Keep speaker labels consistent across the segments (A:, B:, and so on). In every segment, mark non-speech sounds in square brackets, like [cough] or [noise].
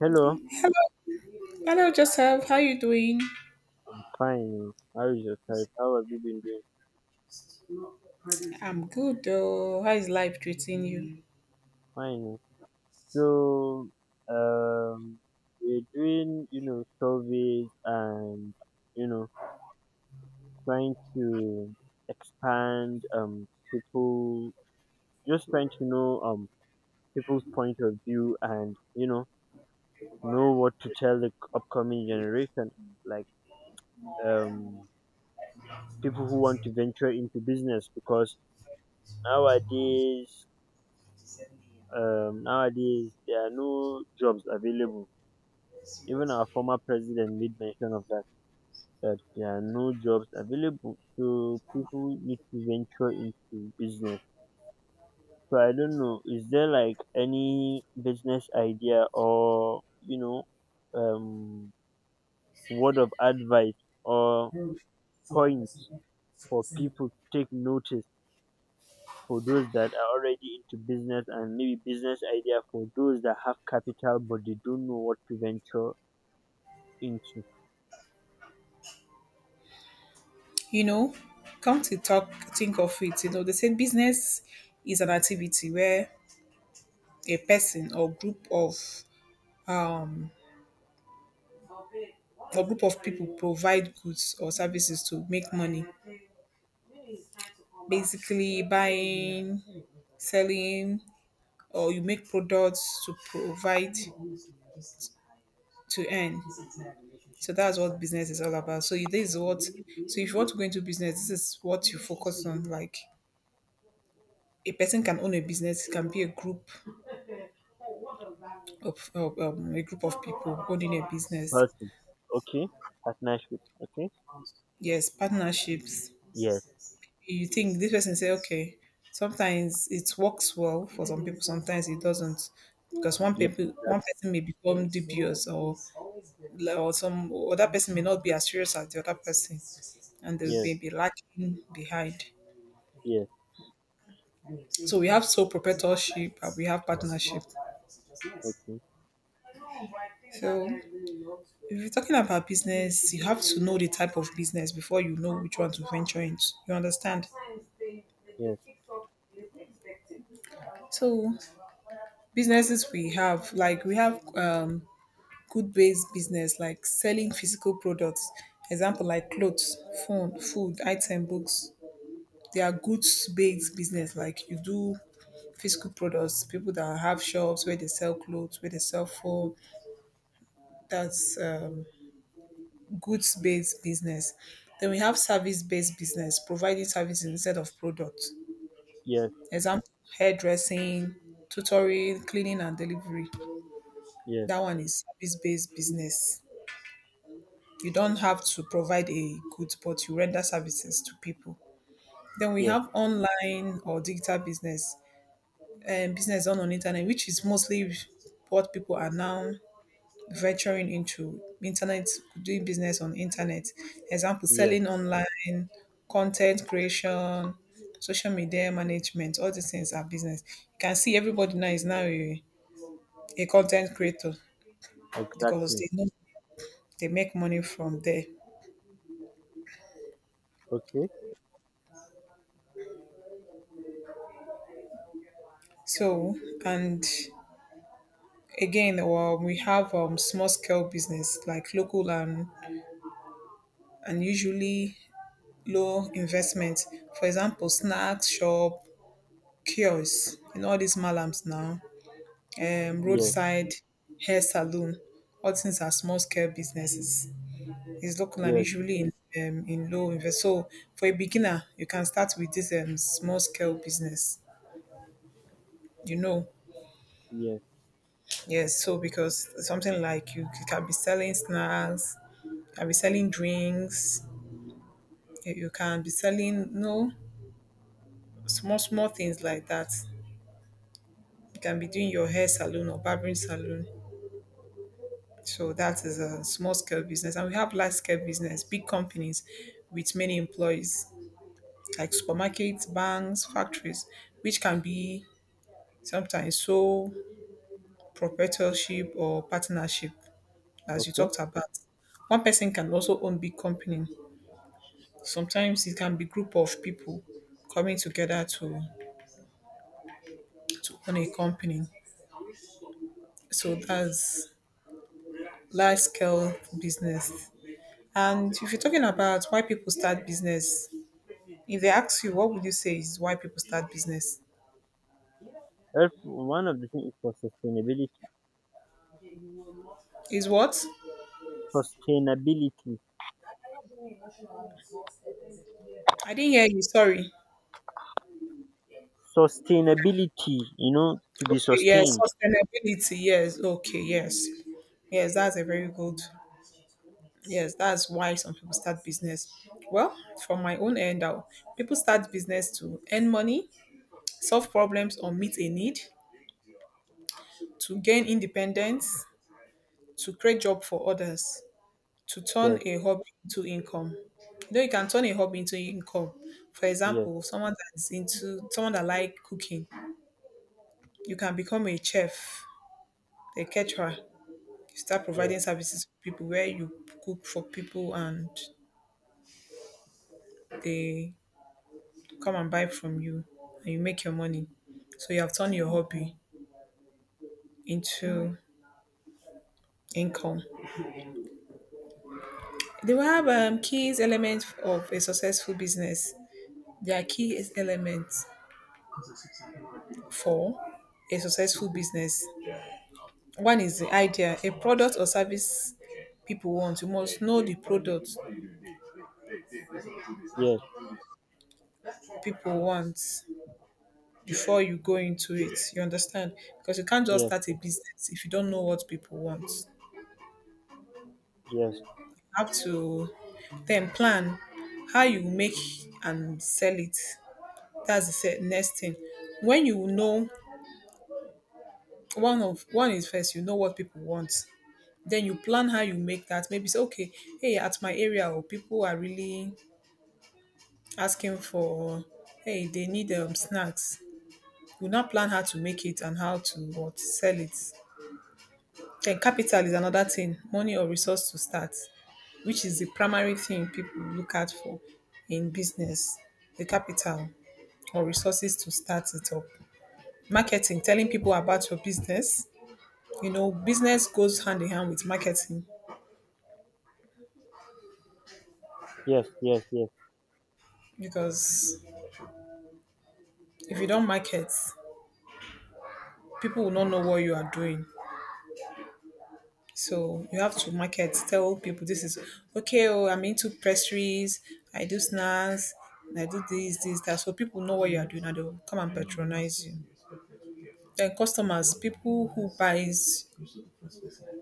A: Hello.
B: Hello, hello, Joseph. How you doing?
A: I'm fine. How is your side? How have you been doing?
B: I'm good. Oh, how is life treating you?
A: Fine. So, um, we're doing, you know, surveys and, you know, trying to expand, people, just trying to know, people's point of view and, you know what to tell the upcoming generation, like, um, people who want to venture into business because nowadays nowadays there are no jobs available. Even our former president made mention of that, that there are no jobs available. So people need to venture into business. So I don't know, is there like any business idea or, um, word of advice or points for people to take notice, for those that are already into business, and maybe business idea for those that have capital but they don't know what to venture into.
B: You know, Come to talk, think of it. They say business is an activity where a person or um group of people provide goods or services to make money. Basically, buying, selling, or you make products to provide to earn. So that's what business is all about. So this is what. So if you want to go into business, this is what you focus on. Like a person can own a business. It can be a group of people owning a business.
A: Person. Okay? Partnership. Okay?
B: Yes, partnerships.
A: Yes.
B: You think this person say, okay, sometimes it works well for some people, sometimes it doesn't, because
A: Yes. That,
B: one person may become dubious, or some other person may not be as serious as the other person, and they
A: yes.
B: may be lacking behind.
A: Yes.
B: So we have sole proprietorship and we have partnership.
A: Okay.
B: So if you're talking about business, you have to know the type of business before you know which one to venture into. You understand?
A: Yes.
B: So, businesses we have, like we have good based business, like selling physical products, example like clothes, phone, food, item, books. They are goods based business, like you do physical products, people that have shops where they sell clothes, where they sell phone. That's goods based business. Then we have service based business, providing services instead of products.
A: Yes.
B: Example, hairdressing, tutoring, cleaning and delivery.
A: Yes.
B: That one is service-based business. You don't have to provide a good, but you render services to people. Then we
A: Yes.
B: have online or digital business, and business done on internet, which is mostly what people are now venturing into internet, doing business on internet. Example,
A: Yes.
B: selling online, content creation, social media management, all these things are business. You can see everybody now is now a content creator because
A: Exactly.
B: they know they make money from there.
A: Okay?
B: So and again, well, we have small scale business like local and usually low investment. For example, snacks shop, kiosks, and all these malams now,
A: Yes.
B: roadside hair salon. All things are small scale businesses. It's local and
A: Yes.
B: usually in low invest. So for a beginner, you can start with this small scale business. You know,
A: Yes.
B: Yes, so because something like you can be selling snacks, you can be selling drinks, you can be selling no small small things like that. You can be doing your hair salon or barbering salon. So that is a small scale business, and we have large scale business, big companies with many employees, like supermarkets, banks, factories, which can be sometimes sole proprietorship or partnership, as you
A: Okay?
B: talked about. One person can also own big company. Sometimes it can be group of people coming together to own a company. So that's large scale business. And if you're talking about why people start business, if they ask you what would you say is why people start business,
A: If one of the things is for sustainability.
B: is what?
A: Sustainability.
B: I didn't hear you, sorry.
A: Sustainability. You know, to be
B: Okay, yes,
A: sustained.
B: sustainability. Yes. Okay. Yes, yes, that's a very good. Yes, that's why some people start business. Well, from my own end out, people start business to earn money, solve problems or meet a need, to gain independence, to create job for others, to turn
A: Yes.
B: a hobby into income. You know, you can turn a hobby into income. For
A: Yes.
B: example, someone that like cooking, you can become a chef, a caterer. You start
A: Yes.
B: providing services to people where you cook for people and they come and buy from you and you make your money. So you have turned your hobby into income. They will have key elements of a successful business. There are key elements for a successful business. One is the idea, a product or service people want. You must know the product
A: Yes.
B: people want before you go into it. You understand? Because you can't just
A: Yes.
B: start a business if you don't know what people want.
A: Yes.
B: Have to then plan how you make and sell it. That's the next thing. When you know one of one is first, you know what people want. Then you plan how you make that. Maybe say, okay, hey, at my area, or people are really asking for, hey, they need snacks. You now plan how to make it and how to what sell it. Then capital is another thing, money or resource to start, which is the primary thing people look out for in business. The capital or resources to start it up. Marketing, telling people about your business. Business goes hand in hand with marketing
A: Yes. Yes. Yes. Yes.
B: because if you don't market, people will not know what you are doing. So you have to market, tell people this is okay. Oh, I'm into pastries. I do snacks. I do this, this, that. So people know what you are doing, and they will come and patronize you. Then customers, people who buys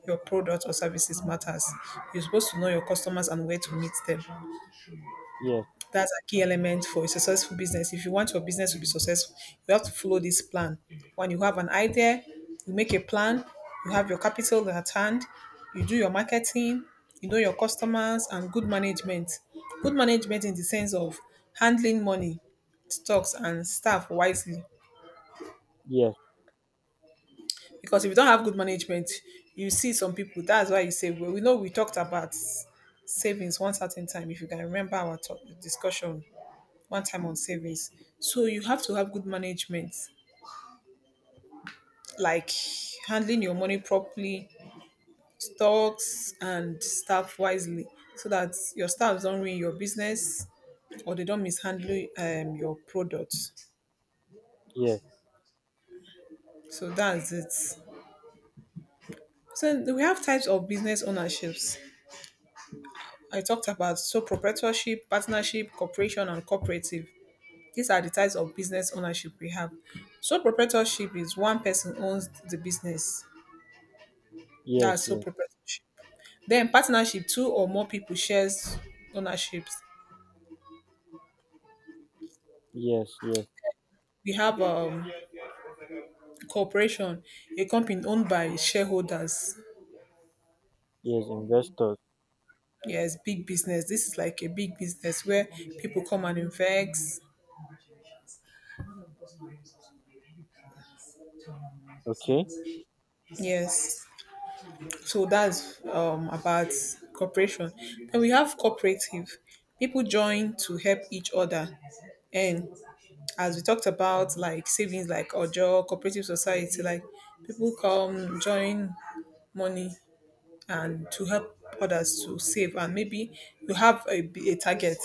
B: your product or services matters. You're supposed to know your customers and where to meet them. That's a key element for a successful business. If you want your business to be successful, you have to follow this plan. When you have an idea, you make a plan, you have your capital at hand, you do your marketing, you know your customers, and good management. Good management in the sense of handling money, stocks, and staff wisely.
A: Yes.
B: Because if you don't have good management, you see some people. That's why you say, well, we know we talked about savings one certain time. If you can remember our talk, discussion one time on savings. So you have to have good management, like handling your money properly, stocks and staff wisely, so that your staff don't ruin your business or they don't mishandle your products. So that's it. So we have types of business ownerships. I talked about so proprietorship, partnership, corporation, and cooperative. These are the types of business ownership we have. Sole proprietorship is one person owns the business.
A: Yes.
B: That's sole
A: Yes.
B: proprietorship. Then partnership, two or more people shares ownerships.
A: Yes. Yes. Yes.
B: We have corporation, a company owned by shareholders.
A: Yes. Investors.
B: Yes, big business. This is like a big business where people come and invest.
A: Okay?
B: Yes. So that's about corporation. Then we have cooperative. People join to help each other. And as we talked about, like savings, like Ojo, cooperative society, like people come, join money and to help others to save, and maybe you have a target.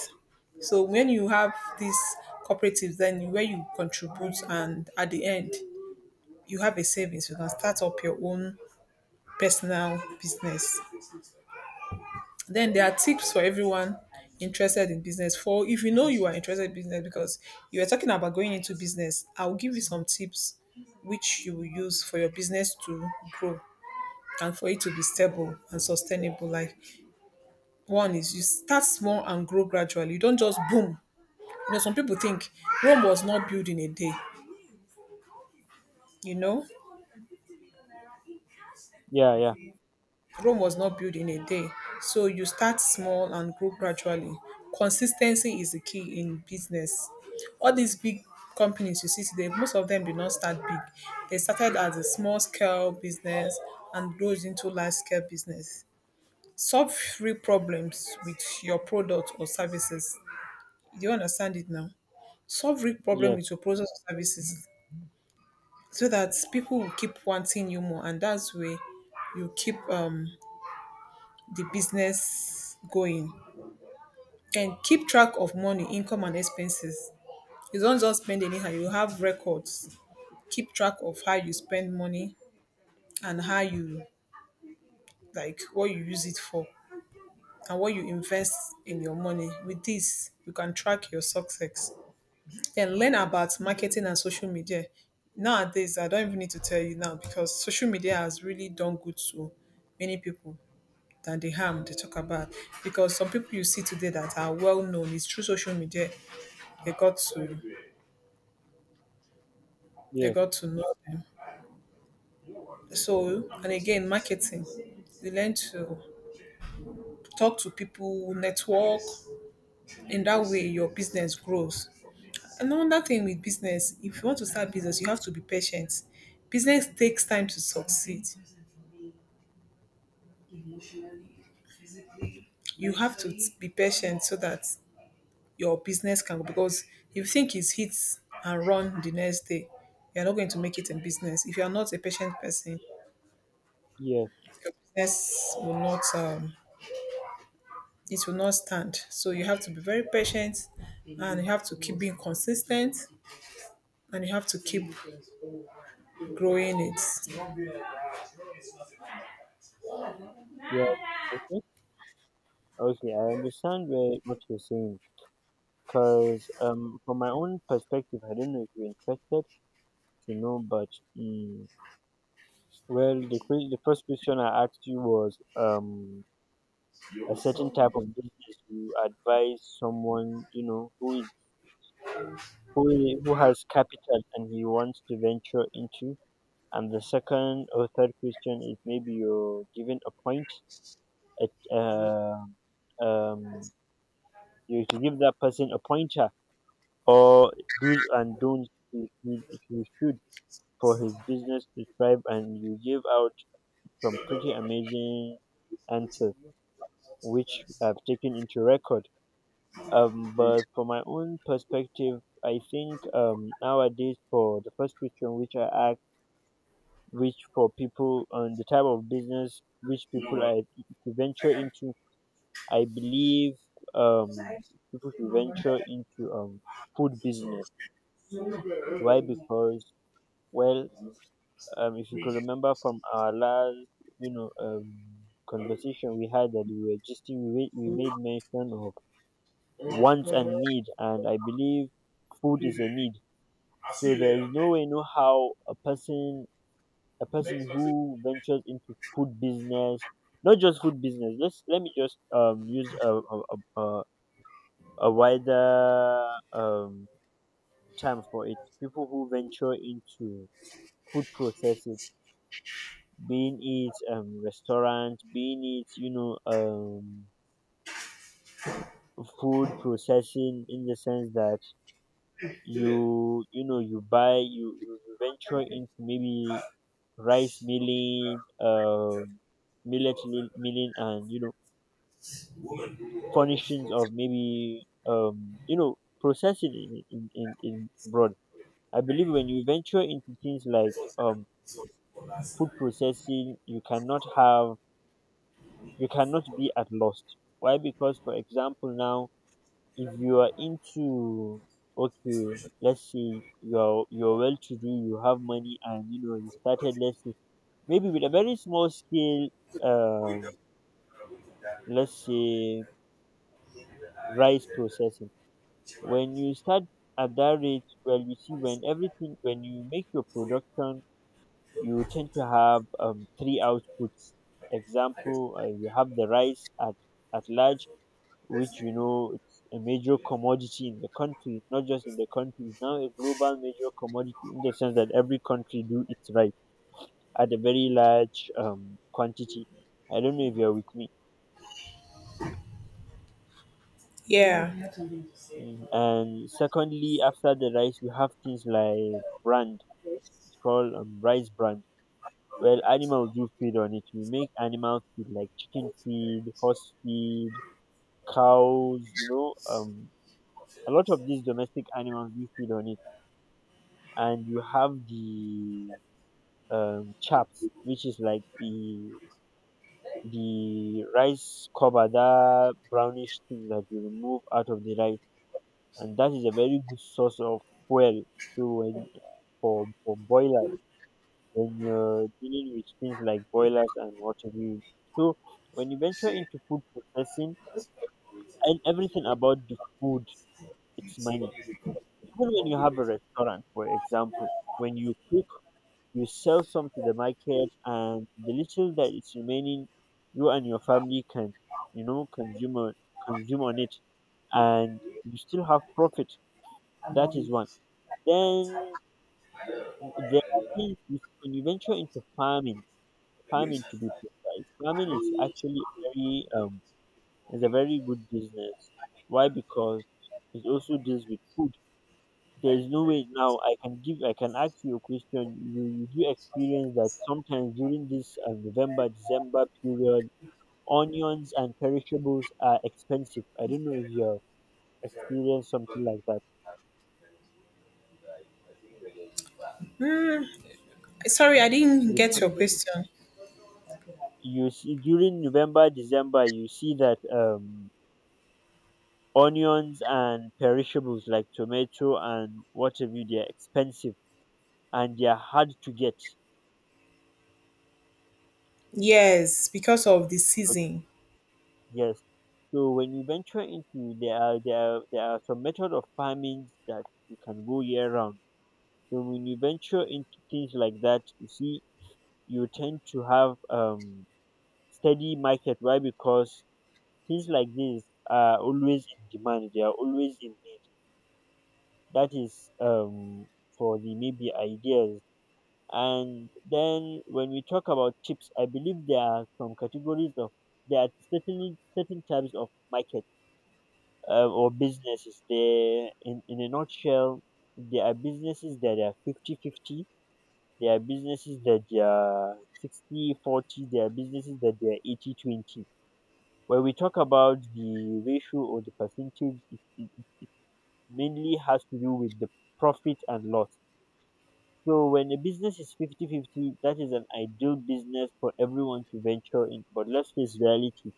B: So when you have these cooperatives, then where you contribute, and at the end you have a savings, you can start up your own personal business. Then there are tips for everyone interested in business, for if you know you are interested in business, because you are talking about going into business, I'll give you some tips which you will use for your business to grow and for it to be stable and sustainable, like, one is you start small and grow gradually. You don't just boom. You know, some people think Rome was not built in a day. You know,
A: Yeah, yeah,
B: Rome was not built in a day. So you start small and grow gradually. Consistency is the key in business. All these big companies you see today, most of them did not start big. They started as a small scale business and grows into large scale business. Solve real problems with your product or services. Do you understand it now? Solve real problem
A: yes,
B: with your products or services, so that people will keep wanting you more, and that's where you keep the business going, and keep track of money, income and expenses. You don't just spend anyhow, you have records. Keep track of how you spend money and how you, like, what you use it for and what you invest in your money. With this you can track your success. Then learn about marketing and social media. Nowadays, I don't even need to tell you now because social media has really done good to many people than the harm they talk about. Because some people you see today that are well known, it's through social media they got to they
A: yes,
B: got to know them. So and again, marketing, you learn to talk to people, network. In that way, your business grows. Another thing with business, if you want to start business, you have to be patient. Business takes time to succeed. You have to be patient so that your business can, because if you think it's hit and run the next day, you're not going to make it in business. If you're not a patient person,
A: yes,
B: your business will not it will not stand. So you have to be very patient, and you have to keep being consistent, and you have to keep growing it.
A: yes. Okay, okay, I understand what you're saying. Cause from my own perspective, I don't know if you're interested to know, but mm, well, the first question I asked you was a certain type of business you advise someone, you know, who has capital and he wants to venture into. And the second or third question is, maybe you're given a point at uh um you should give that person a pointer or do's and don'ts he should, for his business to thrive. And you give out some pretty amazing answers which I've taken into record. But from my own perspective, I think nowadays, for the first question which I asked, which for people on the type of business which people are to venture into, I believe um, people should venture into food business. Why? Because well, if you could remember from our last, you know, um, conversation we had that we were gisting, we made mention of wants and need, and I believe food is a need. So there is no way, no how a person who ventures into food business, not just food business. Let me just use a, a a wider um term for it. People who venture into food processing, being it restaurant, being it, you know, food processing, in the sense that you know, you you venture into maybe rice milling, milling, and, you know, furnishings of maybe, you know, processing in broad. I believe when you venture into things like food processing, you cannot be at lost. Why? Because for example now, if you are into, okay, let's say you're well to do, you have money, and you know you started, let's say maybe with a very small scale um let's say rice processing. When you start at that rate, well, you see, when everything, when you make your production, you tend to have three outputs. Example, you have the rice at large, which you know it's a major commodity in the country, not just in the country, it's now a global major commodity in the sense that every country do it right at a very large quantity. I don't know if you're with me.
B: Yeah.
A: Mm, and secondly, after the rice, we have things like brand. It's called rice brand. Well, animals do feed on it. We make animal feed like chicken feed, horse feed, cows. You know, a lot of these domestic animals do feed on it. And you have the chaps, which is like the rice cover, that brownish thing that you remove out of the rice, and that is a very good source of fuel. So when, for boilers, when you're dealing with things like boilers and what have you. So when you venture into food processing and everything about the food, it's money. Even when you have a restaurant, for example, when you cook, you sell some to the market, and the little that is remaining, you and your family can, you know, consume on it, and you still have profit. That is one. Then there are things which- when you venture into farming, farming to be precise, farming is actually very is a very good business. Why? Because it also deals with food. There's no way. Now I can ask you a question. You do experience that sometimes during this November December period, onions and perishables are expensive. I don't know if you have experienced something like that.
B: Sorry, I didn't
A: you
B: get
A: can-
B: your question.
A: you see, during November December, you see that onions and perishables like tomato and what have you, they're expensive and they're hard to get.
B: Yes, because of the
A: Okay?
B: season.
A: Yes. So when you venture into, there are, there are some method of farming that you can go year round. So when you venture into things like that, you see you tend to have steady market. Why? Because things like this are always in demand. They are always in need. That is for the maybe ideas. And then when we talk about tips, I believe there are some categories of, there are certainly certain types of market or businesses they, in a nutshell, there are businesses that are 50 50. There are businesses that they are 60 40. There are businesses that they are 80 20. When we talk about the ratio or the percentage, it mainly has to do with the profit and loss. So when a business is 50 50, that is an ideal business for everyone to venture in, but let's face reality,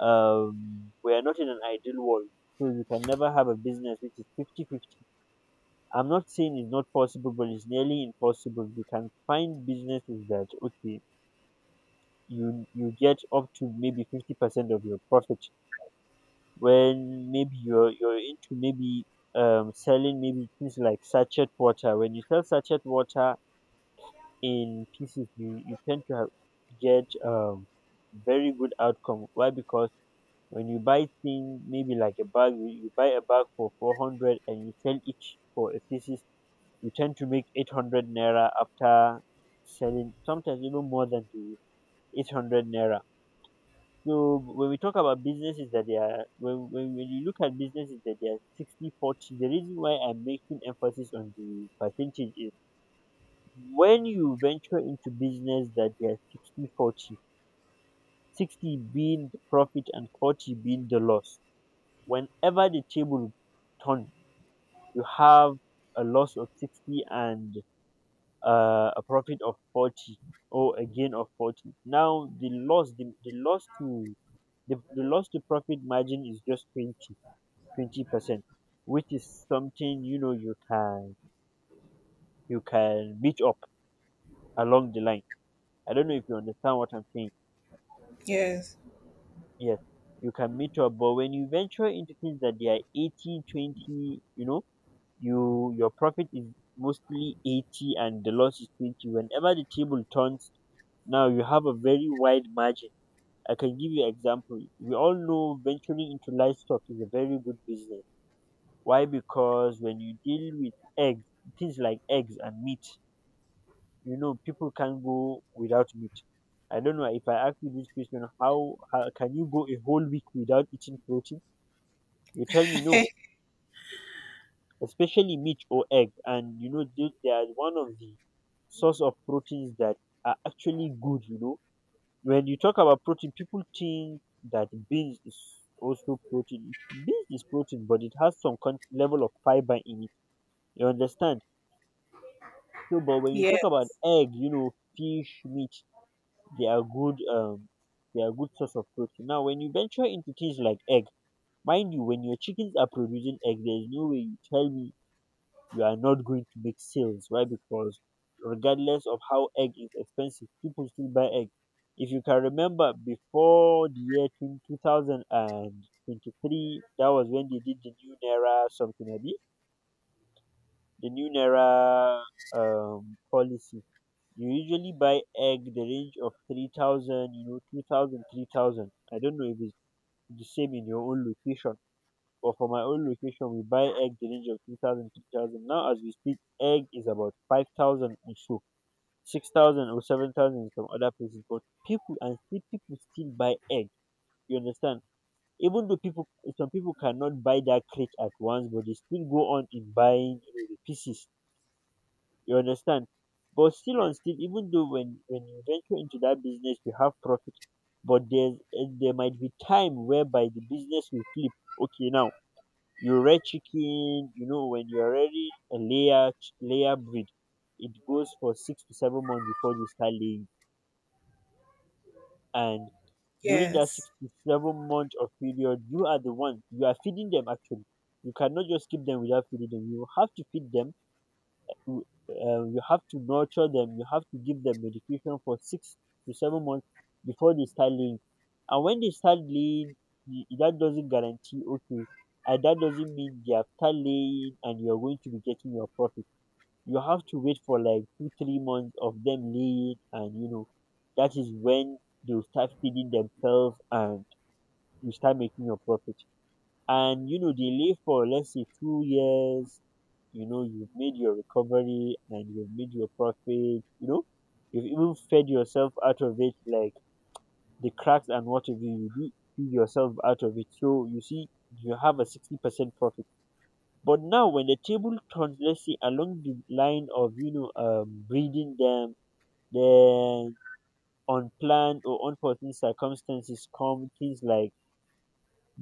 A: we are not in an ideal world. So you can never have a business which is 50 50. I'm not saying it's not possible, but it's nearly impossible. You can find businesses that, okay, you get up to maybe 50% of your profit when maybe you're into maybe selling maybe things like sachet water. When you sell sachet water in pieces, you tend to get very good outcome. Why? Because when you buy thing maybe like a bag, you buy a bag for 400 and you sell each for a pieces, you tend to make 800 naira after selling, sometimes even more than the 800 naira. So when we talk about businesses that they are, when you look at businesses that they are 60 40, the reason why I'm making emphasis on the percentage is, when you venture into business that they are 60 40, 60 being the profit and 40 being the loss, whenever the table turns you have a loss of 60 and a profit of 40, or a gain of 40. Now the the loss to profit margin is just 20%, which is something, you know, you can, you can meet up along the line. I don't know if you understand what I'm saying.
B: Yes.
A: Yes. You can meet up. But when you venture into things that they are 80 20, you know, you, your profit is mostly 80 and the loss is 20. Whenever the table turns, now you have a very wide margin. I can give you an example. We all know venturing into livestock is a very good business. Why? Because when you deal with eggs, things like eggs and meat, you know, people can't go without meat. I don't know if I ask you this question, how can you go a whole week without eating protein? You tell me no, especially meat or egg. And you know, they are one of the source of proteins that are actually good. You know, when you talk about protein, people think that beans is also protein. Beans is protein, but it has some level of fiber in it. You understand? So, but
B: [laughs]
A: when you talk about
B: Yes,
A: egg, you know, fish, meat, they are good. They are good source of protein. Now, when you venture into things like egg, mind you, when your chickens are producing egg, there is no way you tell me you are not going to make sales. Why? Because regardless of how egg is expensive, people still buy egg. If you can remember before the year 2023, that was when they did the new Naira something, abi? The new Naira policy. You usually buy egg the range of 3,000, you know, 2,000, 3,000. I don't know if it's the same in your own location. But for my own location, we buy egg the range of 2,000, 3,000. Now, as we speak, egg is about 5,000 or so, 6,000 or 7,000 in some other places. But people, and still people still buy egg. You understand? Even though people, some people cannot buy that crate at once, but they still go on in buying the pieces. You understand? But still on still, even though when you venture into that business, you have profit, but there might be time whereby the business will flip. Okay, now you red chicken, you know, when you're ready a layer breed, it goes for six to seven months before they start laying. And during that
B: yes,
A: six to seven months of period, you are feeding them actually. You cannot just keep them without feeding them. You have to feed them to you have to nurture them, you have to give them medication for six to seven months before they start laying. And when they start laying, that doesn't guarantee okay, and that doesn't mean they are start laying and you're going to be getting your profit. You have to wait for like 2 3 months of them laying, and you know that is when they'll start feeding themselves and you start making your profit. And you know they live for let's say 2 years, you know you've made your recovery and you've made your profit, you know you've even fed yourself out of it, like the cracks and what have you, you do feed yourself out of it. So you see, you have a 60% profit. But now when the table turns, let's say along the line of breeding them, then unplanned or unforeseen circumstances come, things like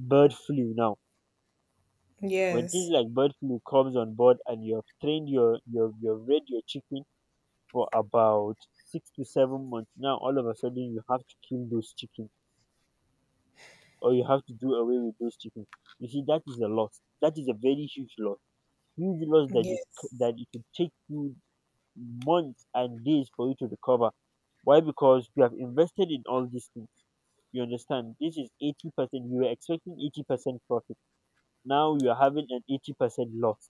A: bird flu. Now when
B: yes,
A: things like bird flu comes on board and you have trained your have bred your chicken for about six to seven months, now all of a sudden you have to kill those chickens or you have to do away with those chickens. You see, that is a loss. That is a very huge loss. Huge loss that
B: yes.
A: that it will take you months and days for you to recover. Why? Because you have invested in all these things. You understand? This is 80%. You were expecting 80% profit. Now you are having an 80% loss.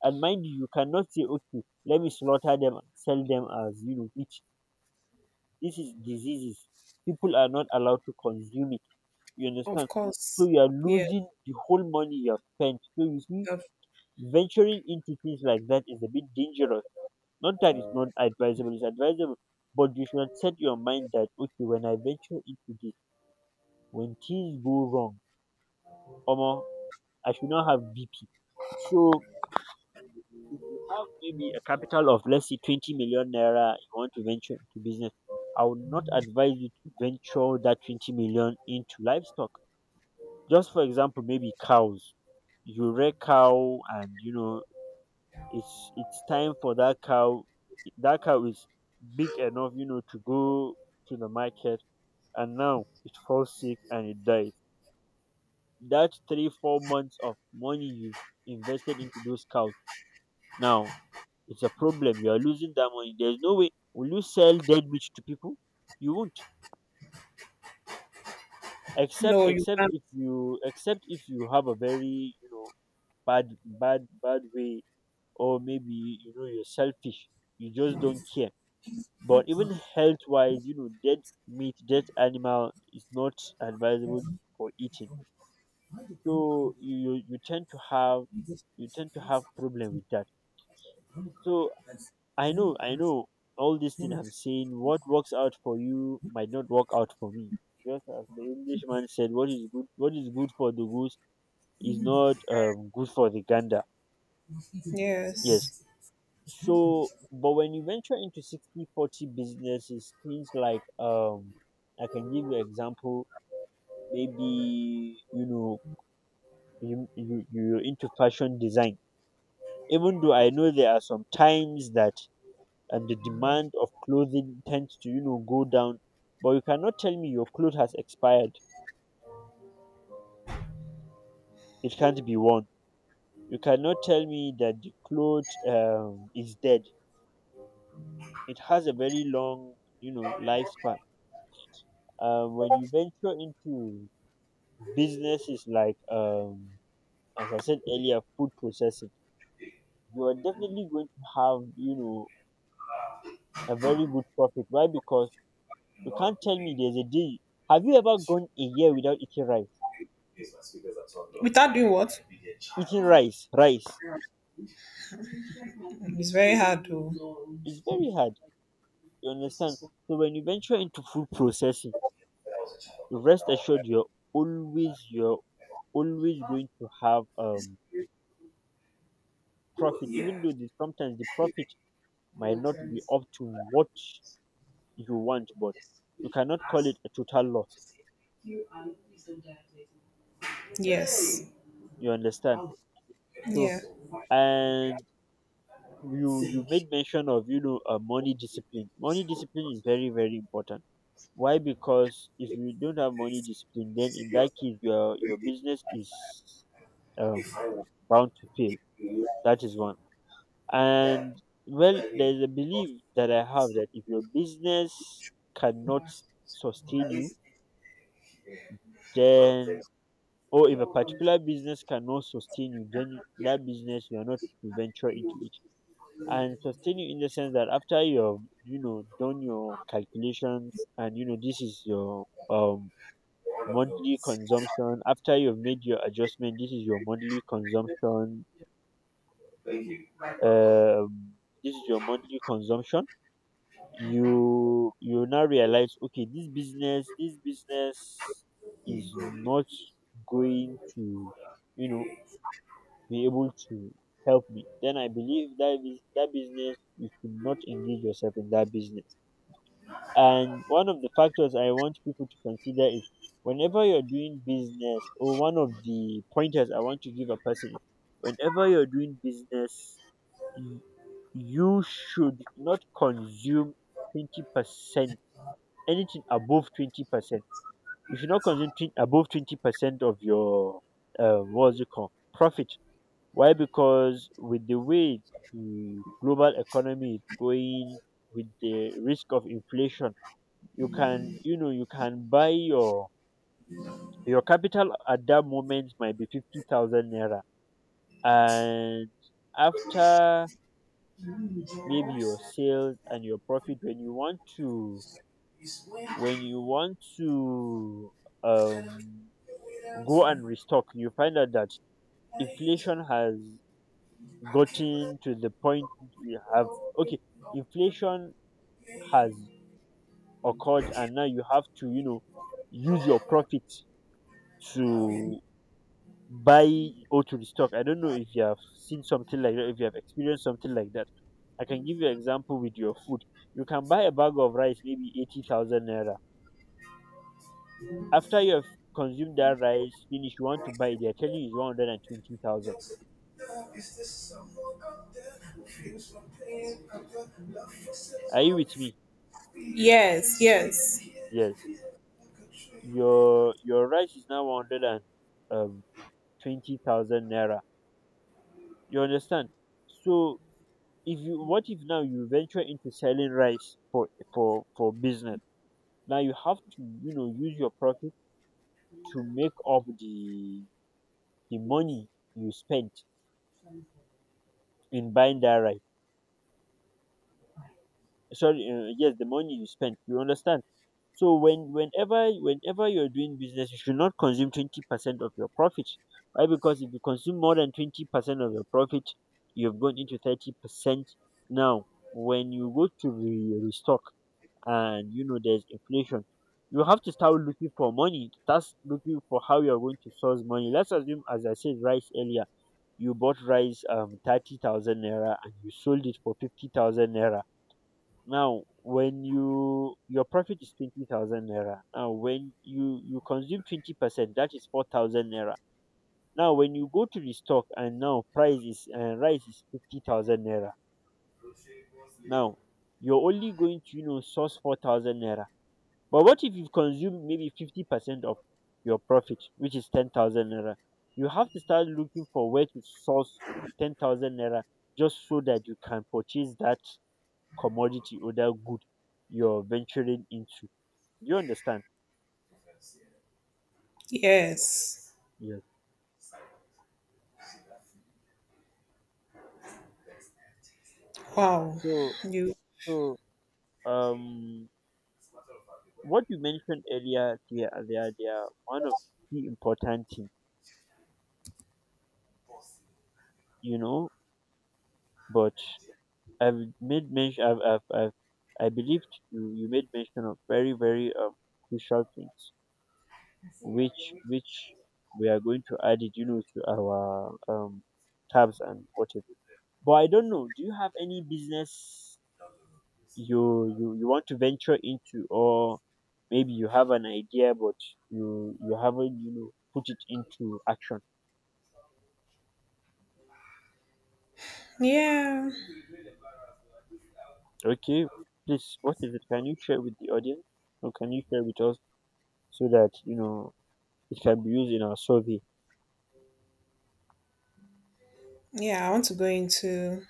A: And mind you, you cannot say, okay, let me slaughter them and sell them as, you know, which this is diseases. People are not allowed to consume it. You
B: Of
A: understand? So
B: course.
A: you are
B: Yes.
A: losing the whole money you have spent. So you see,
B: Of-
A: venturing into things like that is a bit dangerous. Not that it's not advisable, it's advisable. But you should set your mind that okay, when I venture into this, when things go wrong, Omo, I should not have BP. So if you have maybe a capital of let's say 20 million naira you want to venture into business, I would not advise you to venture that 20 million into livestock. Just for example, maybe cows. You rear cow and you know it's time for that cow, that cow is big enough, you know, to go to the market, and now it falls sick and it dies. That three, 4 months of money you invested into those cows now, it's a problem. You are losing that money. There's no way. Will you sell dead meat to people? You won't. Except,
B: No, you can't.
A: except if you have a very, you know, bad way, or maybe you know you're selfish. You just don't care. But even health-wise, you know, dead meat, dead animal is not advisable for eating. So you tend to have you tend to have problem with that. So I know all this thing I'm saying, what works out for you might not work out for me. Just as the Englishman said, what is good for the goose is not good for the gander. Yes.
B: Yes.
A: So but when you venture into sixty forty 40 businesses, things like um, I can give you example, maybe you know you're into fashion design. Even though I know there are some times that and the demand of clothing tends to you know go down, but you cannot tell me your cloth has expired, it can't be worn. You cannot tell me that the cloth is dead. It has a very long, you know, lifespan. When you venture into businesses like as I said earlier, food processing, you are definitely going to have, you know, a very good profit. Why? Because you can't tell me there's a day, have you ever gone a year without eating rice,
B: Without doing what?
A: rice?
B: It's very hard to.
A: It's very hard, you understand? So when you venture into food processing, rest assured you're always going to have profit, even though sometimes the profit might not be up to what you want, but you cannot call it a total loss.
B: Yes.
A: You understand? So
B: Yeah.
A: and you made mention of, you know, money discipline. Money discipline is very very important. Why? Because if you don't have money discipline, then in that case your business is um, bound to pay. That is one. And well, there's a belief that I have that if your business cannot sustain you, then or if a particular business cannot sustain you, then that business you are not to venture into it. And sustain you in the sense that after you've, you know, done your calculations and you know this is your monthly consumption, after you've made your adjustment this is your monthly consumption, um this is your monthly consumption you you now realize okay this business is not going to, you know, be able to help me, then I believe that is that business you should not engage yourself in that business. And one of the factors I want people to consider is whenever you're doing business, or one of the pointers I want to give a person is, whenever you're doing business you should not consume 20%, anything above 20%. You should not consume above 20% of your what's it called, profit. Why? Because with the way the global economy is going, with the risk of inflation, you can, you know, you can buy your capital at that moment might be 50,000 naira, and after maybe your sales and your profit, when you want to when you want to um, go and restock, you find out that inflation has gotten to the point you have. Okay, inflation has occurred, and now you have to, you know, use your profit to buy or to restock. I don't know if you have seen something like that, if you have experienced something like that. I can give you an example with your food. You can buy a bag of rice, maybe 80,000 naira. After you have consumed that rice finish, you want to buy it, they're telling you it's 120,000. Are you with me?
B: Yes. Yes.
A: Yes. Your rice is now 120,000 naira. You understand? So if you, what if now you venture into selling rice for business? Now you have to, you know, use your profit to make up the money you spent in buying that rice. Sorry, yes, the money you spent, you understand? So whenever you're doing business, you should not consume 20% of your profit. Why? Because if you consume more than 20% of your profit, you've gone into 30%. Now when you go to restock, and you know there's inflation, you have to start looking for money, that's looking for how you're going to source money. Let's assume, as I said rice earlier, you bought rice 30,000 naira and you sold it for 50,000 naira. Now, when you, your profit is 20,000 naira. Now, when you consume 20%, that is 4,000 naira. Now, when you go to the stock and now price is, rice is 50,000 naira. Now, you're only going to, you know, source 4,000 naira. But what if you've consumed maybe 50% of your profit, which is 10,000 naira? You have to start looking for where to source 10,000 naira, just so that you can purchase that commodity or that good you're venturing into. Do you understand?
B: Yes.
A: Yes.
B: Wow.
A: So
B: You.
A: so um, what you mentioned earlier, they are, they are one of the important things, you know. But I've made mention, I've, I believed you, you made mention of very, very crucial things, which we are going to add it, you know, to our tabs and whatever. But I don't know. Do you have any business you want to venture into, or maybe you have an idea but you haven't put it into action?
B: Yeah.
A: Okay, please, what is it? Can you share with the audience, or can you share with us so that it can be used in our survey?
B: Yeah. I want to go into,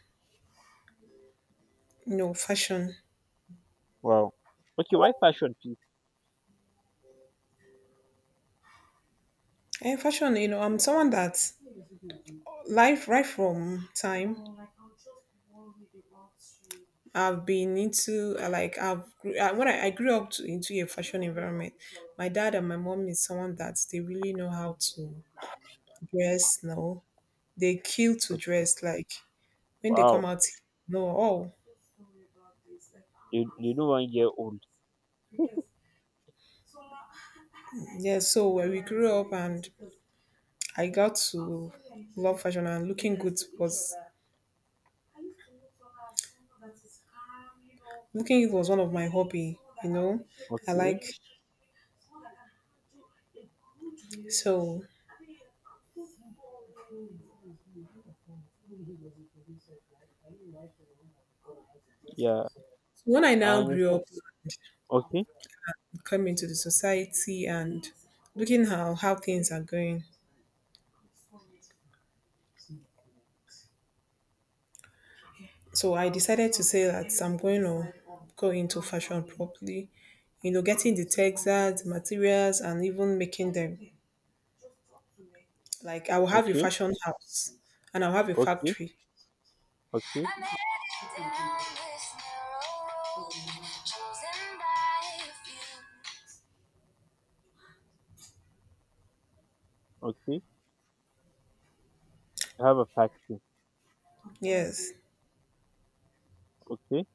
B: you know, fashion.
A: Wow, okay, why fashion, please?
B: And fashion. You know, I'm someone that, life right from time, I've been into, I like, when I grew up to, into a fashion environment. My dad and my mom is someone that they really know how to dress. Now they kill to
A: Okay,
B: dress. Like, when they come
A: wow,
B: out, no, oh
A: they know 1 year old.
B: yeah. So when we grew up and I got to love fashion and looking good was, cooking it was one of my hobby, you know. I
A: Okay,
B: like, so
A: yeah,
B: when I
A: I
B: now grew up,
A: understand. Okay.
B: coming into the society and looking how things are going. So I decided to say that I'm going to go into fashion properly. You know, getting the textiles, the materials and even making them. Like, I will have a
A: Okay.
B: fashion house and I'll have a
A: Okay.
B: factory.
A: Okay.
B: I'm headed down this narrow road, chosen by a few.
A: Okay, you have a factory?
B: Yes.
A: Okay.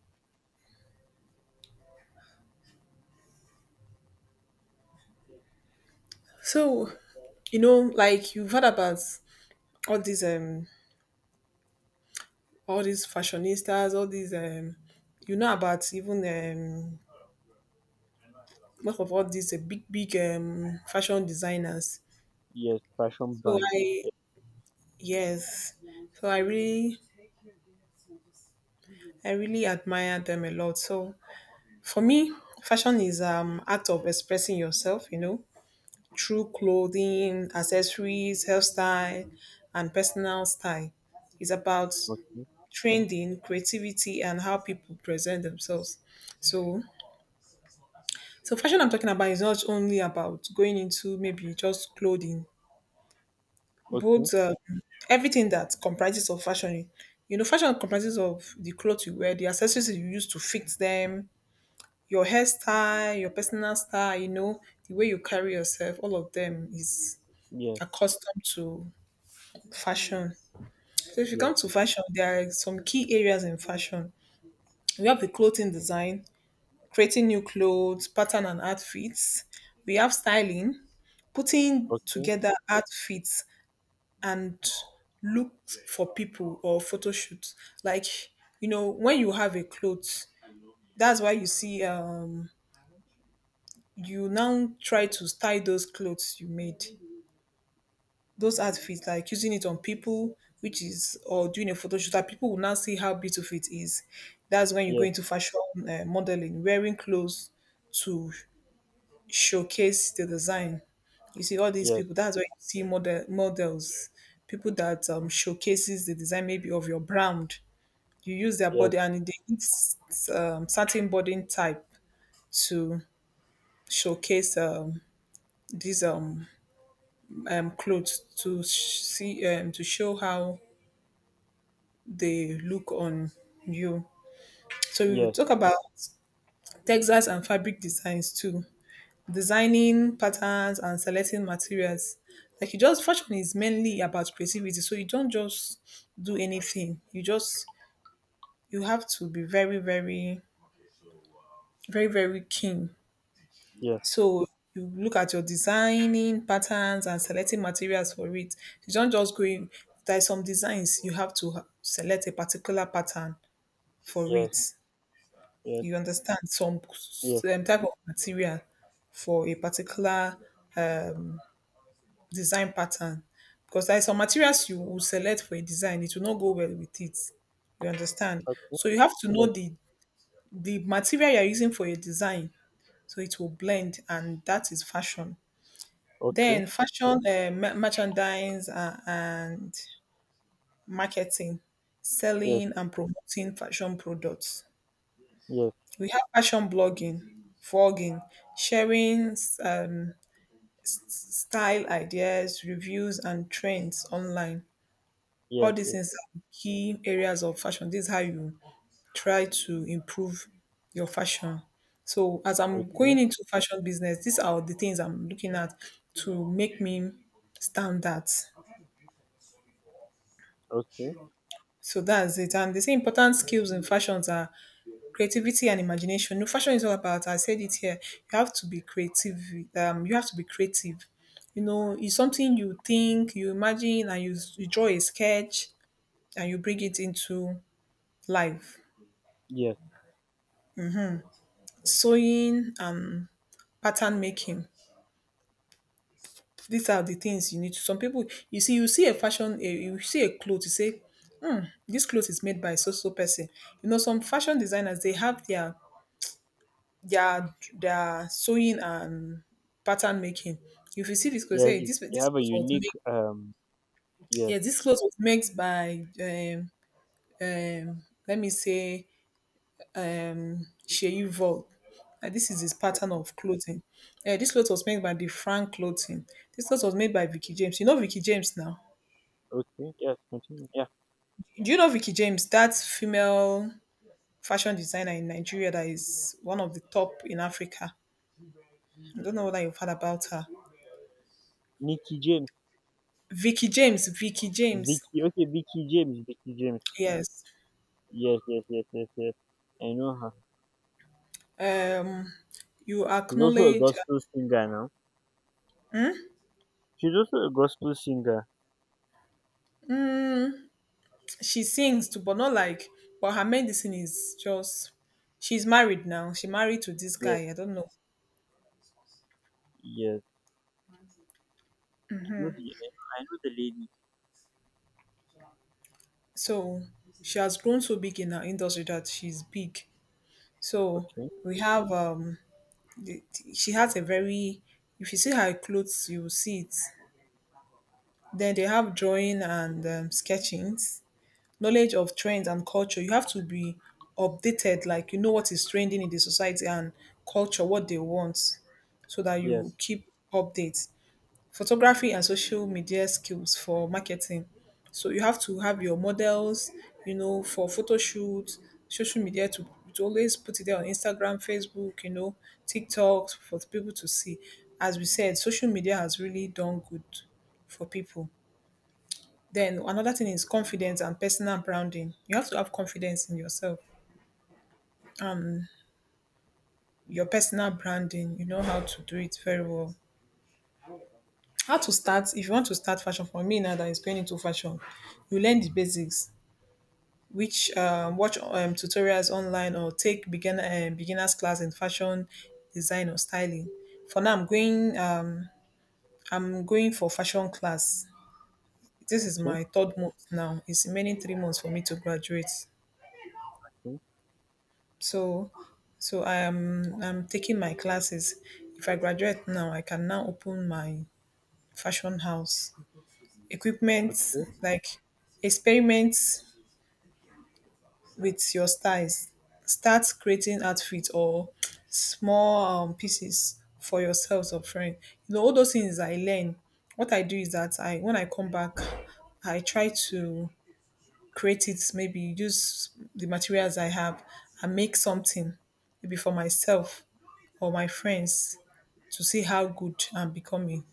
B: So, you know, like you've heard about all these um all these fashionistas, all these you know, about even most of all these big fashion designers.
A: Yes, fashion
B: So
A: brand.
B: I,
A: Yeah.
B: yes. So I really, I really admire them a lot. So for me, fashion is act of expressing yourself, you know, through clothing, accessories, hairstyle, and personal style. It's about
A: Okay.
B: trending, creativity, and how people present themselves. So, so fashion I'm talking about is not only about going into maybe just clothing,
A: Okay.
B: but everything that comprises of fashion. You know, fashion comprises of the clothes you wear, the accessories you use to fix them, your hairstyle, your personal style. You know, the way you carry yourself. All of them is
A: Yes,
B: accustomed to fashion. So if you
A: yes,
B: come to fashion, there are some key areas in fashion. We have the clothing design, creating new clothes, pattern and outfits. We have styling, putting
A: okay.
B: together outfits and looks for people or photo shoots. Like, you know, when you have a clothes, that's why you see you now try to style those clothes you made, those outfits, like using it on people, which is, or doing a photo shoot that people will now see how beautiful it is. That's when you go
A: Yes,
B: into fashion. Modeling, wearing clothes to showcase the design. You see all these
A: yes,
B: people. That's why you see model models, people that showcases the design maybe of your brand. You use their
A: yes,
B: body and they use certain body type to showcase these clothes to sh- see to show how they look on you. So we will
A: yes,
B: talk about textiles and fabric designs too. Designing patterns and selecting materials. Like, you just, fashion is mainly about creativity. So you don't just do anything. You just, you have to be very, very, very, very keen.
A: yes,
B: So you look at your designing patterns and selecting materials for it. You don't just go in. There are some designs you have to select a particular pattern for
A: yes,
B: it.
A: yes,
B: You understand, some
A: yes,
B: type of material for a particular um, design pattern, because there are some materials you will select for a design it will not go well with it. You understand?
A: okay.
B: So you have to know
A: Yes,
B: the material you're using for your design so it will blend, and that is fashion.
A: okay.
B: Then fashion merchandise and marketing,
A: Yes,
B: selling and promoting fashion products.
A: yes,
B: We have fashion blogging, vlogging, sharing um, style ideas, reviews, and trends online. All
A: yes,
B: these
A: yes,
B: things are key areas of fashion. This is how you try to improve your fashion. So, as
A: yes,
B: I'm going
A: okay,
B: into fashion business, these are the things I'm looking at to make me stand out.
A: okay.
B: So that's it. And they say important skills in fashions are creativity and imagination. No, fashion is all about, I said it here, you have to be creative. You have to be creative. You know, it's something you think, you imagine, and you draw a sketch and you bring it into life.
A: Yes,
B: Sewing and pattern making. These are the things you need to. Some people, you see a fashion, a, you see a cloth, you say this cloth is made by so so person. You know, some fashion designers they have their their sewing and pattern making. If you see this clothes,
A: yes,
B: hey,
A: it-
B: this
A: you
B: this
A: have a
B: clothes was
A: unique,
B: made.
A: yes,
B: Yeah, this clothes was made by let me say Sheyu Vogue. And this is his pattern
A: okay,
B: of clothing. Eh, this clothes was made by the Frank Clothing. This clothes was made by Vicky James. You know Vicky James now.
A: okay, yes, continue. Yeah,
B: Do you know Vicky James? That female fashion designer in Nigeria that is one of the top in Africa. I don't know whether you've heard about her.
A: Nicky James,
B: Vicky James. Vicky James.
A: Vicky, okay, Vicky James, Vicky James.
B: Yes.
A: Yes, yes, yes, yes, yes. I know her.
B: um you
A: She's also a
B: acknowledge.
A: gospel singer now. She's also a gospel singer.
B: um she sings too, but not like, but her medicine is just, she's married now, she married to this
A: Yes,
B: guy, I don't know.
A: yes. I know the lady.
B: So she has grown so big in her industry that she's big. So
A: Okay.
B: we have the, she has a very, if you see her clothes you will see it. Then they have drawing and sketchings, knowledge of trends and culture. You have to be updated, like, you know what is trending in the society and culture, what they want, so that
A: Yes.
B: you keep updates. Photography and social media skills for marketing. So you have to have your models, you know, for photo shoots, social media to always put it there on Instagram, Facebook, you know, TikTok for people to see. As we said, social media has really done good for people. Then another thing is confidence and personal branding. You have to have confidence in yourself. Your personal branding, you know how to do it very well. How to start, if you want to start fashion, for me now that is going into fashion, you learn the basics, which, watch tutorials online or take beginner, beginners class in fashion design or styling. For now, I'm going, I'm going for fashion class. This is
A: Okay.
B: my third month now. It's remaining 3 months for me to graduate.
A: Okay,
B: So, so I am, I'm taking my classes. If I graduate now I can now open my fashion house equipment.
A: okay,
B: Like, experiment with your styles, start creating outfits or small, pieces for yourselves or friend. You know, all those things I learn, what I do is that I, when I come back, I try to create it, maybe use the materials I have and make something, maybe for myself or my friends, to see how good I'm becoming.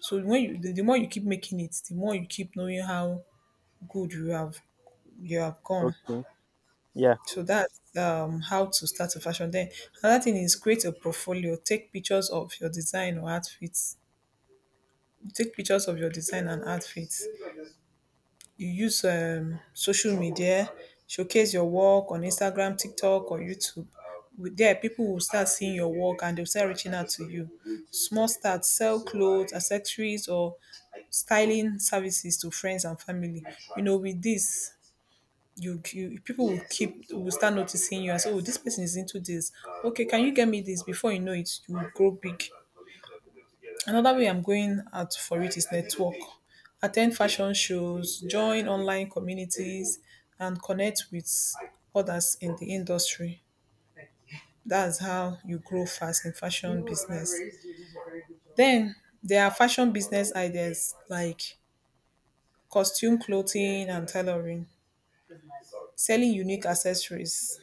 B: So when you, the more you keep making it, the more you keep knowing how good you have, you have gone.
A: okay. Yeah,
B: So that's how to start a fashion. Then another thing is create a portfolio. Take pictures of your design or outfits. Take pictures of your design and outfits. You use social media, showcase your work on Instagram, TikTok, or YouTube. With there, people will start seeing your work and they'll start reaching out to you. Small start, sell clothes, accessories, or styling services to friends and family. You know, with this, you people will keep, will start noticing you and say, "Oh, this person is into this. Okay, can you get me this?" Before you know it, you will grow big. Another way I'm going out for it is network. Attend fashion shows, join online communities, and connect with others in the industry. That's how you grow fast in fashion business. Then there are fashion business ideas like costume clothing and tailoring, selling unique accessories,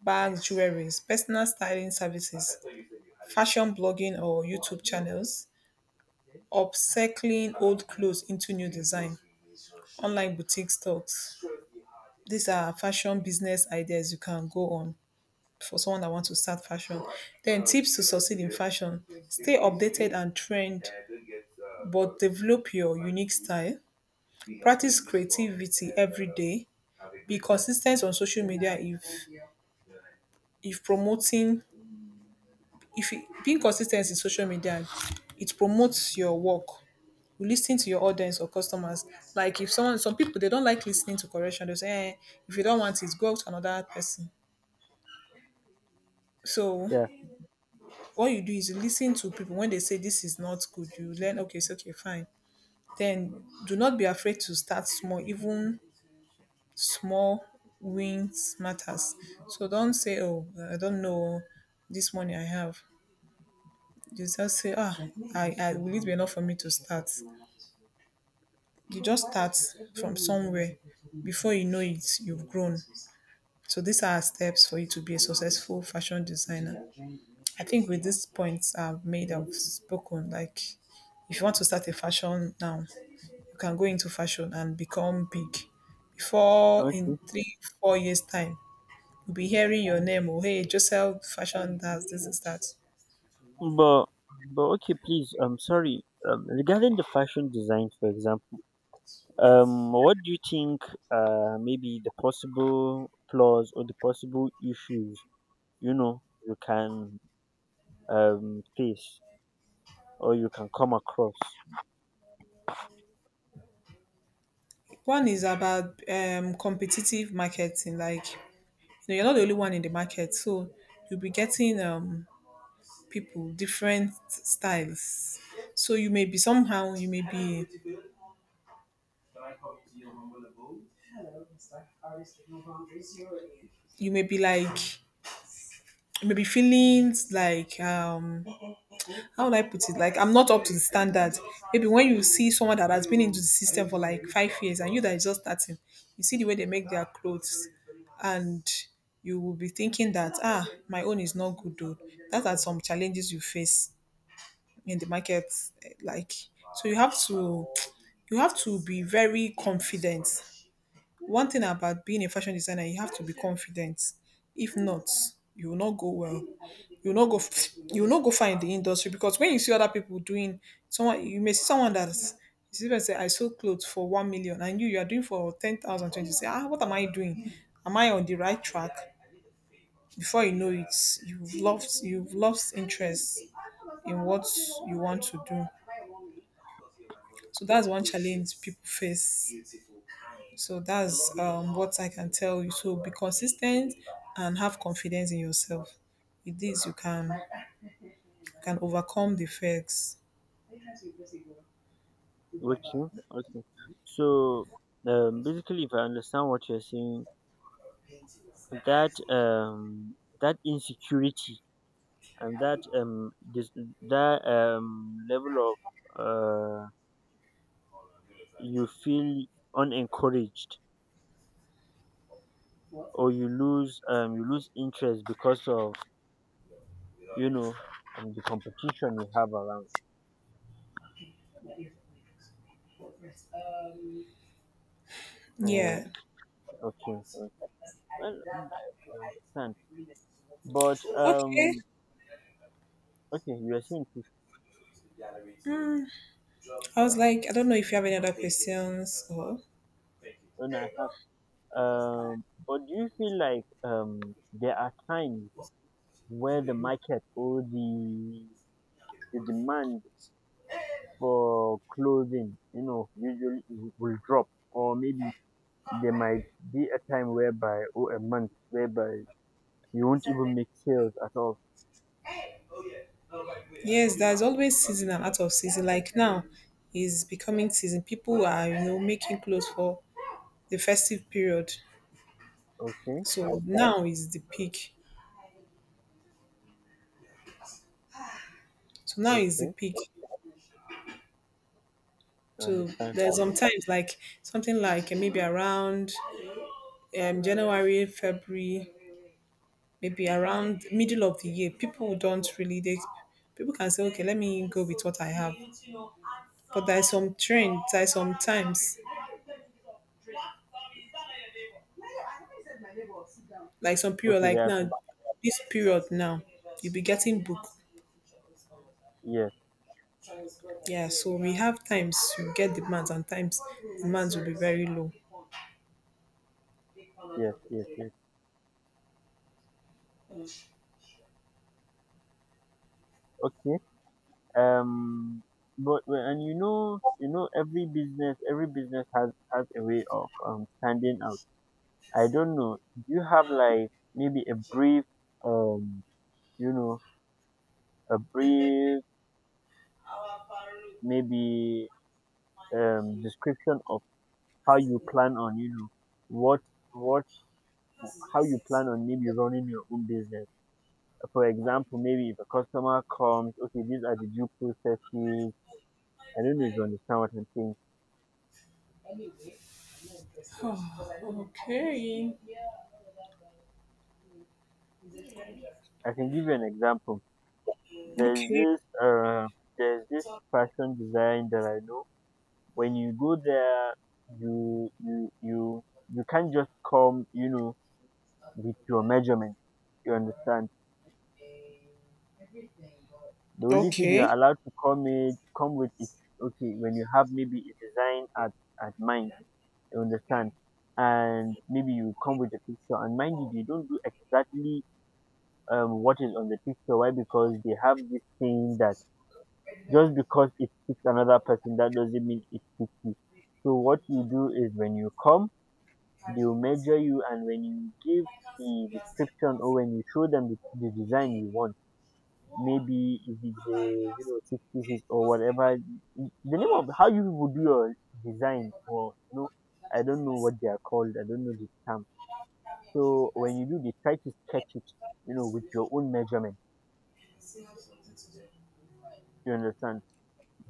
B: bags, jewelries, personal styling services, fashion blogging or YouTube channels, upcycling old clothes into new design, online boutique stocks. These are fashion business ideas you can go on for someone that wants to start fashion. Then tips to succeed in fashion. Stay updated and trend, but develop your unique style. Practice creativity every day. Be consistent on social media if promoting, if it, being consistent in social media, it promotes your work. You listen to your audience or customers. Like, if someone, some people they don't like listening to correction, they say, eh, if you don't want it, go to another person. So
A: yeah,
B: what you do is you lis to people when they say this is not good. You learn, okay, it's okay, fine. Then do not be afraid to start small. Even small wins matters. So don't say, oh, I don't know this money I have. You just say, ah, I will it be enough for me to start? You just start from somewhere. Before you know it, you've grown. So these are steps for you to be a successful fashion designer. I think with these points I've made, I've spoken. Like, if you want to start a fashion now, you can go into fashion and become big. Before in
A: okay.
B: three, 4 years time, you'll be hearing your name. Oh, hey, Joseph Fashion does this and that.
A: But but okay, please, I'm sorry. Regarding the fashion design, for example, what do you think? Maybe the possible flaws or the possible issues you can face or you can come across.
B: One is about competitive marketing. Like, you know, you're not the only one in the market, so you'll be getting people different styles. So you may be somehow, you may be, you may be like maybe feelings like how would I put it? Like, I'm not up to the standard. Maybe when you see someone that has been into the system for like 5 years and you that is just starting, you see the way they make their clothes, and you will be thinking that ah, my own is not good though. That are some challenges you face in the market, eh, like, so you have to, you have to be very confident. One thing about being a fashion designer, you have to be confident. If not, you will not go well, you will not go, you will not go far in the industry. Because when you see other people doing, someone, you may see someone that's, you see them say I sold clothes for 1 million and you are doing for ten thousand twenty, you say ah, what am I doing, am I on the right track? Before you know it, you've lost, you've lost interest in what you want to do. So that's one challenge people face. So that's what I can tell you. So be consistent and have confidence in yourself. With this, you can, you can overcome the effects.
A: Okay, okay. So, basically, if I understand what you're saying, that that insecurity and that this that level of you feel unencouraged, or you lose interest because of you know the competition you have around. Uh,
B: Yeah.
A: okay, well I understand, but
B: Okay.
A: okay, you are saying fif-
B: Mm. I was like, I don't know if you have any other questions or.
A: and I have but do you feel like there are times where the market or the demand for closing, usually w- will drop, or maybe there might be a time whereby, or a month whereby you won't even make sales at all.
B: Yes, there's always season and out of season. Like, now is becoming season. People are, you know, making clothes for the festive period.
A: Okay,
B: So now is the peak. So now is the
A: okay,
B: peak.
A: I
B: So
A: understand.
B: there's sometimes like something like eh, maybe around January, February, maybe around middle of the year, people don't really they, people can say, okay, let me go with what I have. But there are some trends, there are some times like some period
A: Okay, there
B: like
A: are
B: now,
A: some,
B: this period now, you'll be getting book.
A: yes,
B: Yeah, so we have times you get demands and times demands will be very low.
A: yes, yes, yes. Okay. Um but well, and you know every business has a way of standing out. I don't know. Do you have like maybe a brief um you know a brief, maybe description of how you plan on what what how you plan on maybe running your own business. For example, maybe if a customer comes, okay, these are the due processes. I don't know if you understand what I'm saying.
B: [sighs] Okay.
A: I can give you an example. There's
B: Okay.
A: this uh, there's this fashion design that I know. When you go there, you you can't just come, you know, with your measurement. You understand? The only thing you are
B: Okay.
A: allowed to come it come with is okay when you have maybe a design at mind, you understand, and maybe you come with a picture. And mind you, they don't do exactly what is on the picture. Why? Because they have this thing that just because it fits another person, that doesn't mean it fits you. So what you do is when you come, they'll measure you, and when you give the description, or when you show them the design you want, maybe if it's a you know six pieces or whatever, the name of how you people do your design, or you know I don't know what they are called, I don't know the term. So when you do, they try to sketch it, you know, with your own measurement. You understand?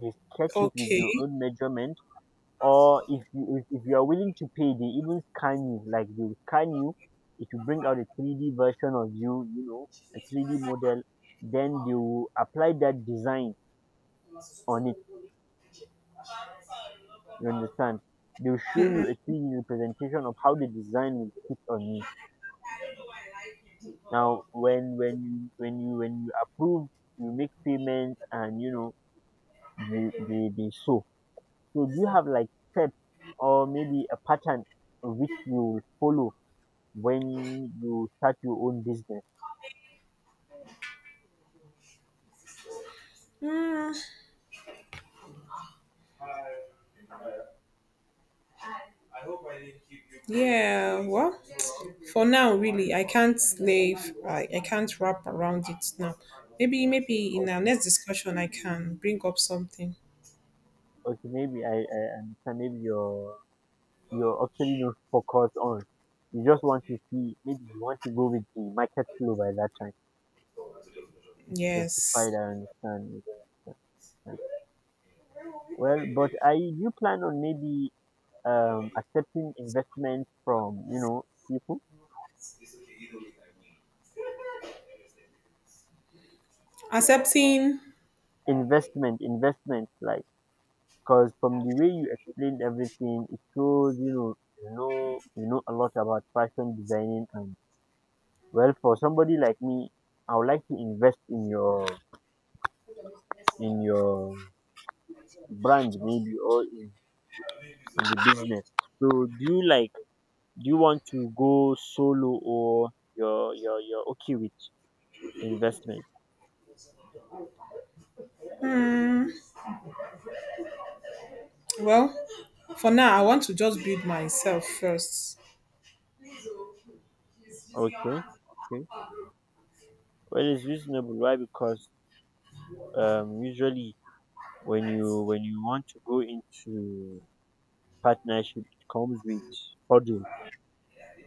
A: They sketch it with your
B: Okay.
A: own measurement, or if you are willing to pay, they even scan you. Like they will scan you, it will bring out a 3D version of you, you know, a 3D model, then they will apply that design on it. You understand? They'll show you a 3D representation of how the design will fit on you. Now, when when you approve, you make payment, and you know you they show. So do you have like steps or maybe a pattern which you will follow when you start your own business?
B: Mm, yeah. Well, for now, really, I can't slave. I can't wrap around it now. Maybe, maybe in our
A: Okay,
B: next discussion, I can bring up something.
A: okay, maybe I understand. Maybe you're actually not focused on. You just want to see. Maybe you want to go with the market flow by that time. Justified.
B: Yes.
A: I understand. You don't understand. Well, but I you plan on maybe accepting investment from you know people?
B: Accepting,
A: Investment, investment, like because from the way you explained everything, it shows you know a lot about fashion designing, and well, for somebody like me, I would like to invest in your brand, maybe or in the business. So do you like do you want to go solo, or you're okay with investment?
B: mm, well, for now, I want to just build myself first.
A: Okay, okay. Well, it's reasonable. Why? Because usually when you want to go into partnership, it comes with hurdle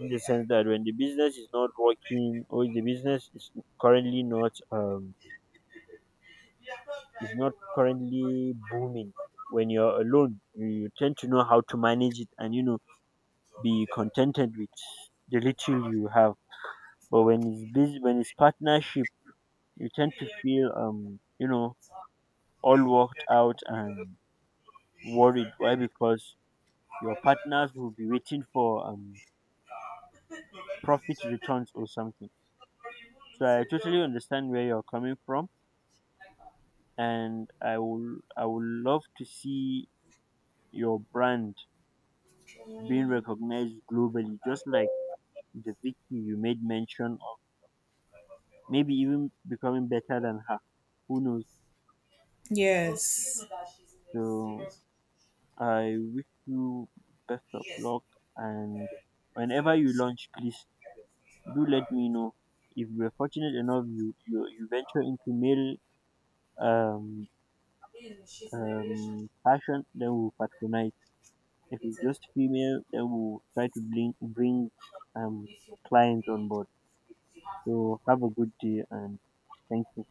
A: in the sense that when the business is not working, or the business is currently not is not currently booming. When you're alone, you tend to know how to manage it, and you know be contented with the little you have. But when it's busy, when it's partnership, you tend to feel you know all worked out and worried. Why? Because your partners will be waiting for profit returns or something. So I totally understand where you're coming from, and I would love to see your brand being recognized globally, just like the Vicky you made mention of. Maybe even becoming better than her. Who knows?
B: Yes.
A: So I wish you best of luck, and whenever you launch, please do let me know. If you are fortunate enough, you venture into male um, fashion, then we'll patronize. If it's just female, then we'll try to bring um, clients on board. So have a good day, and thank you.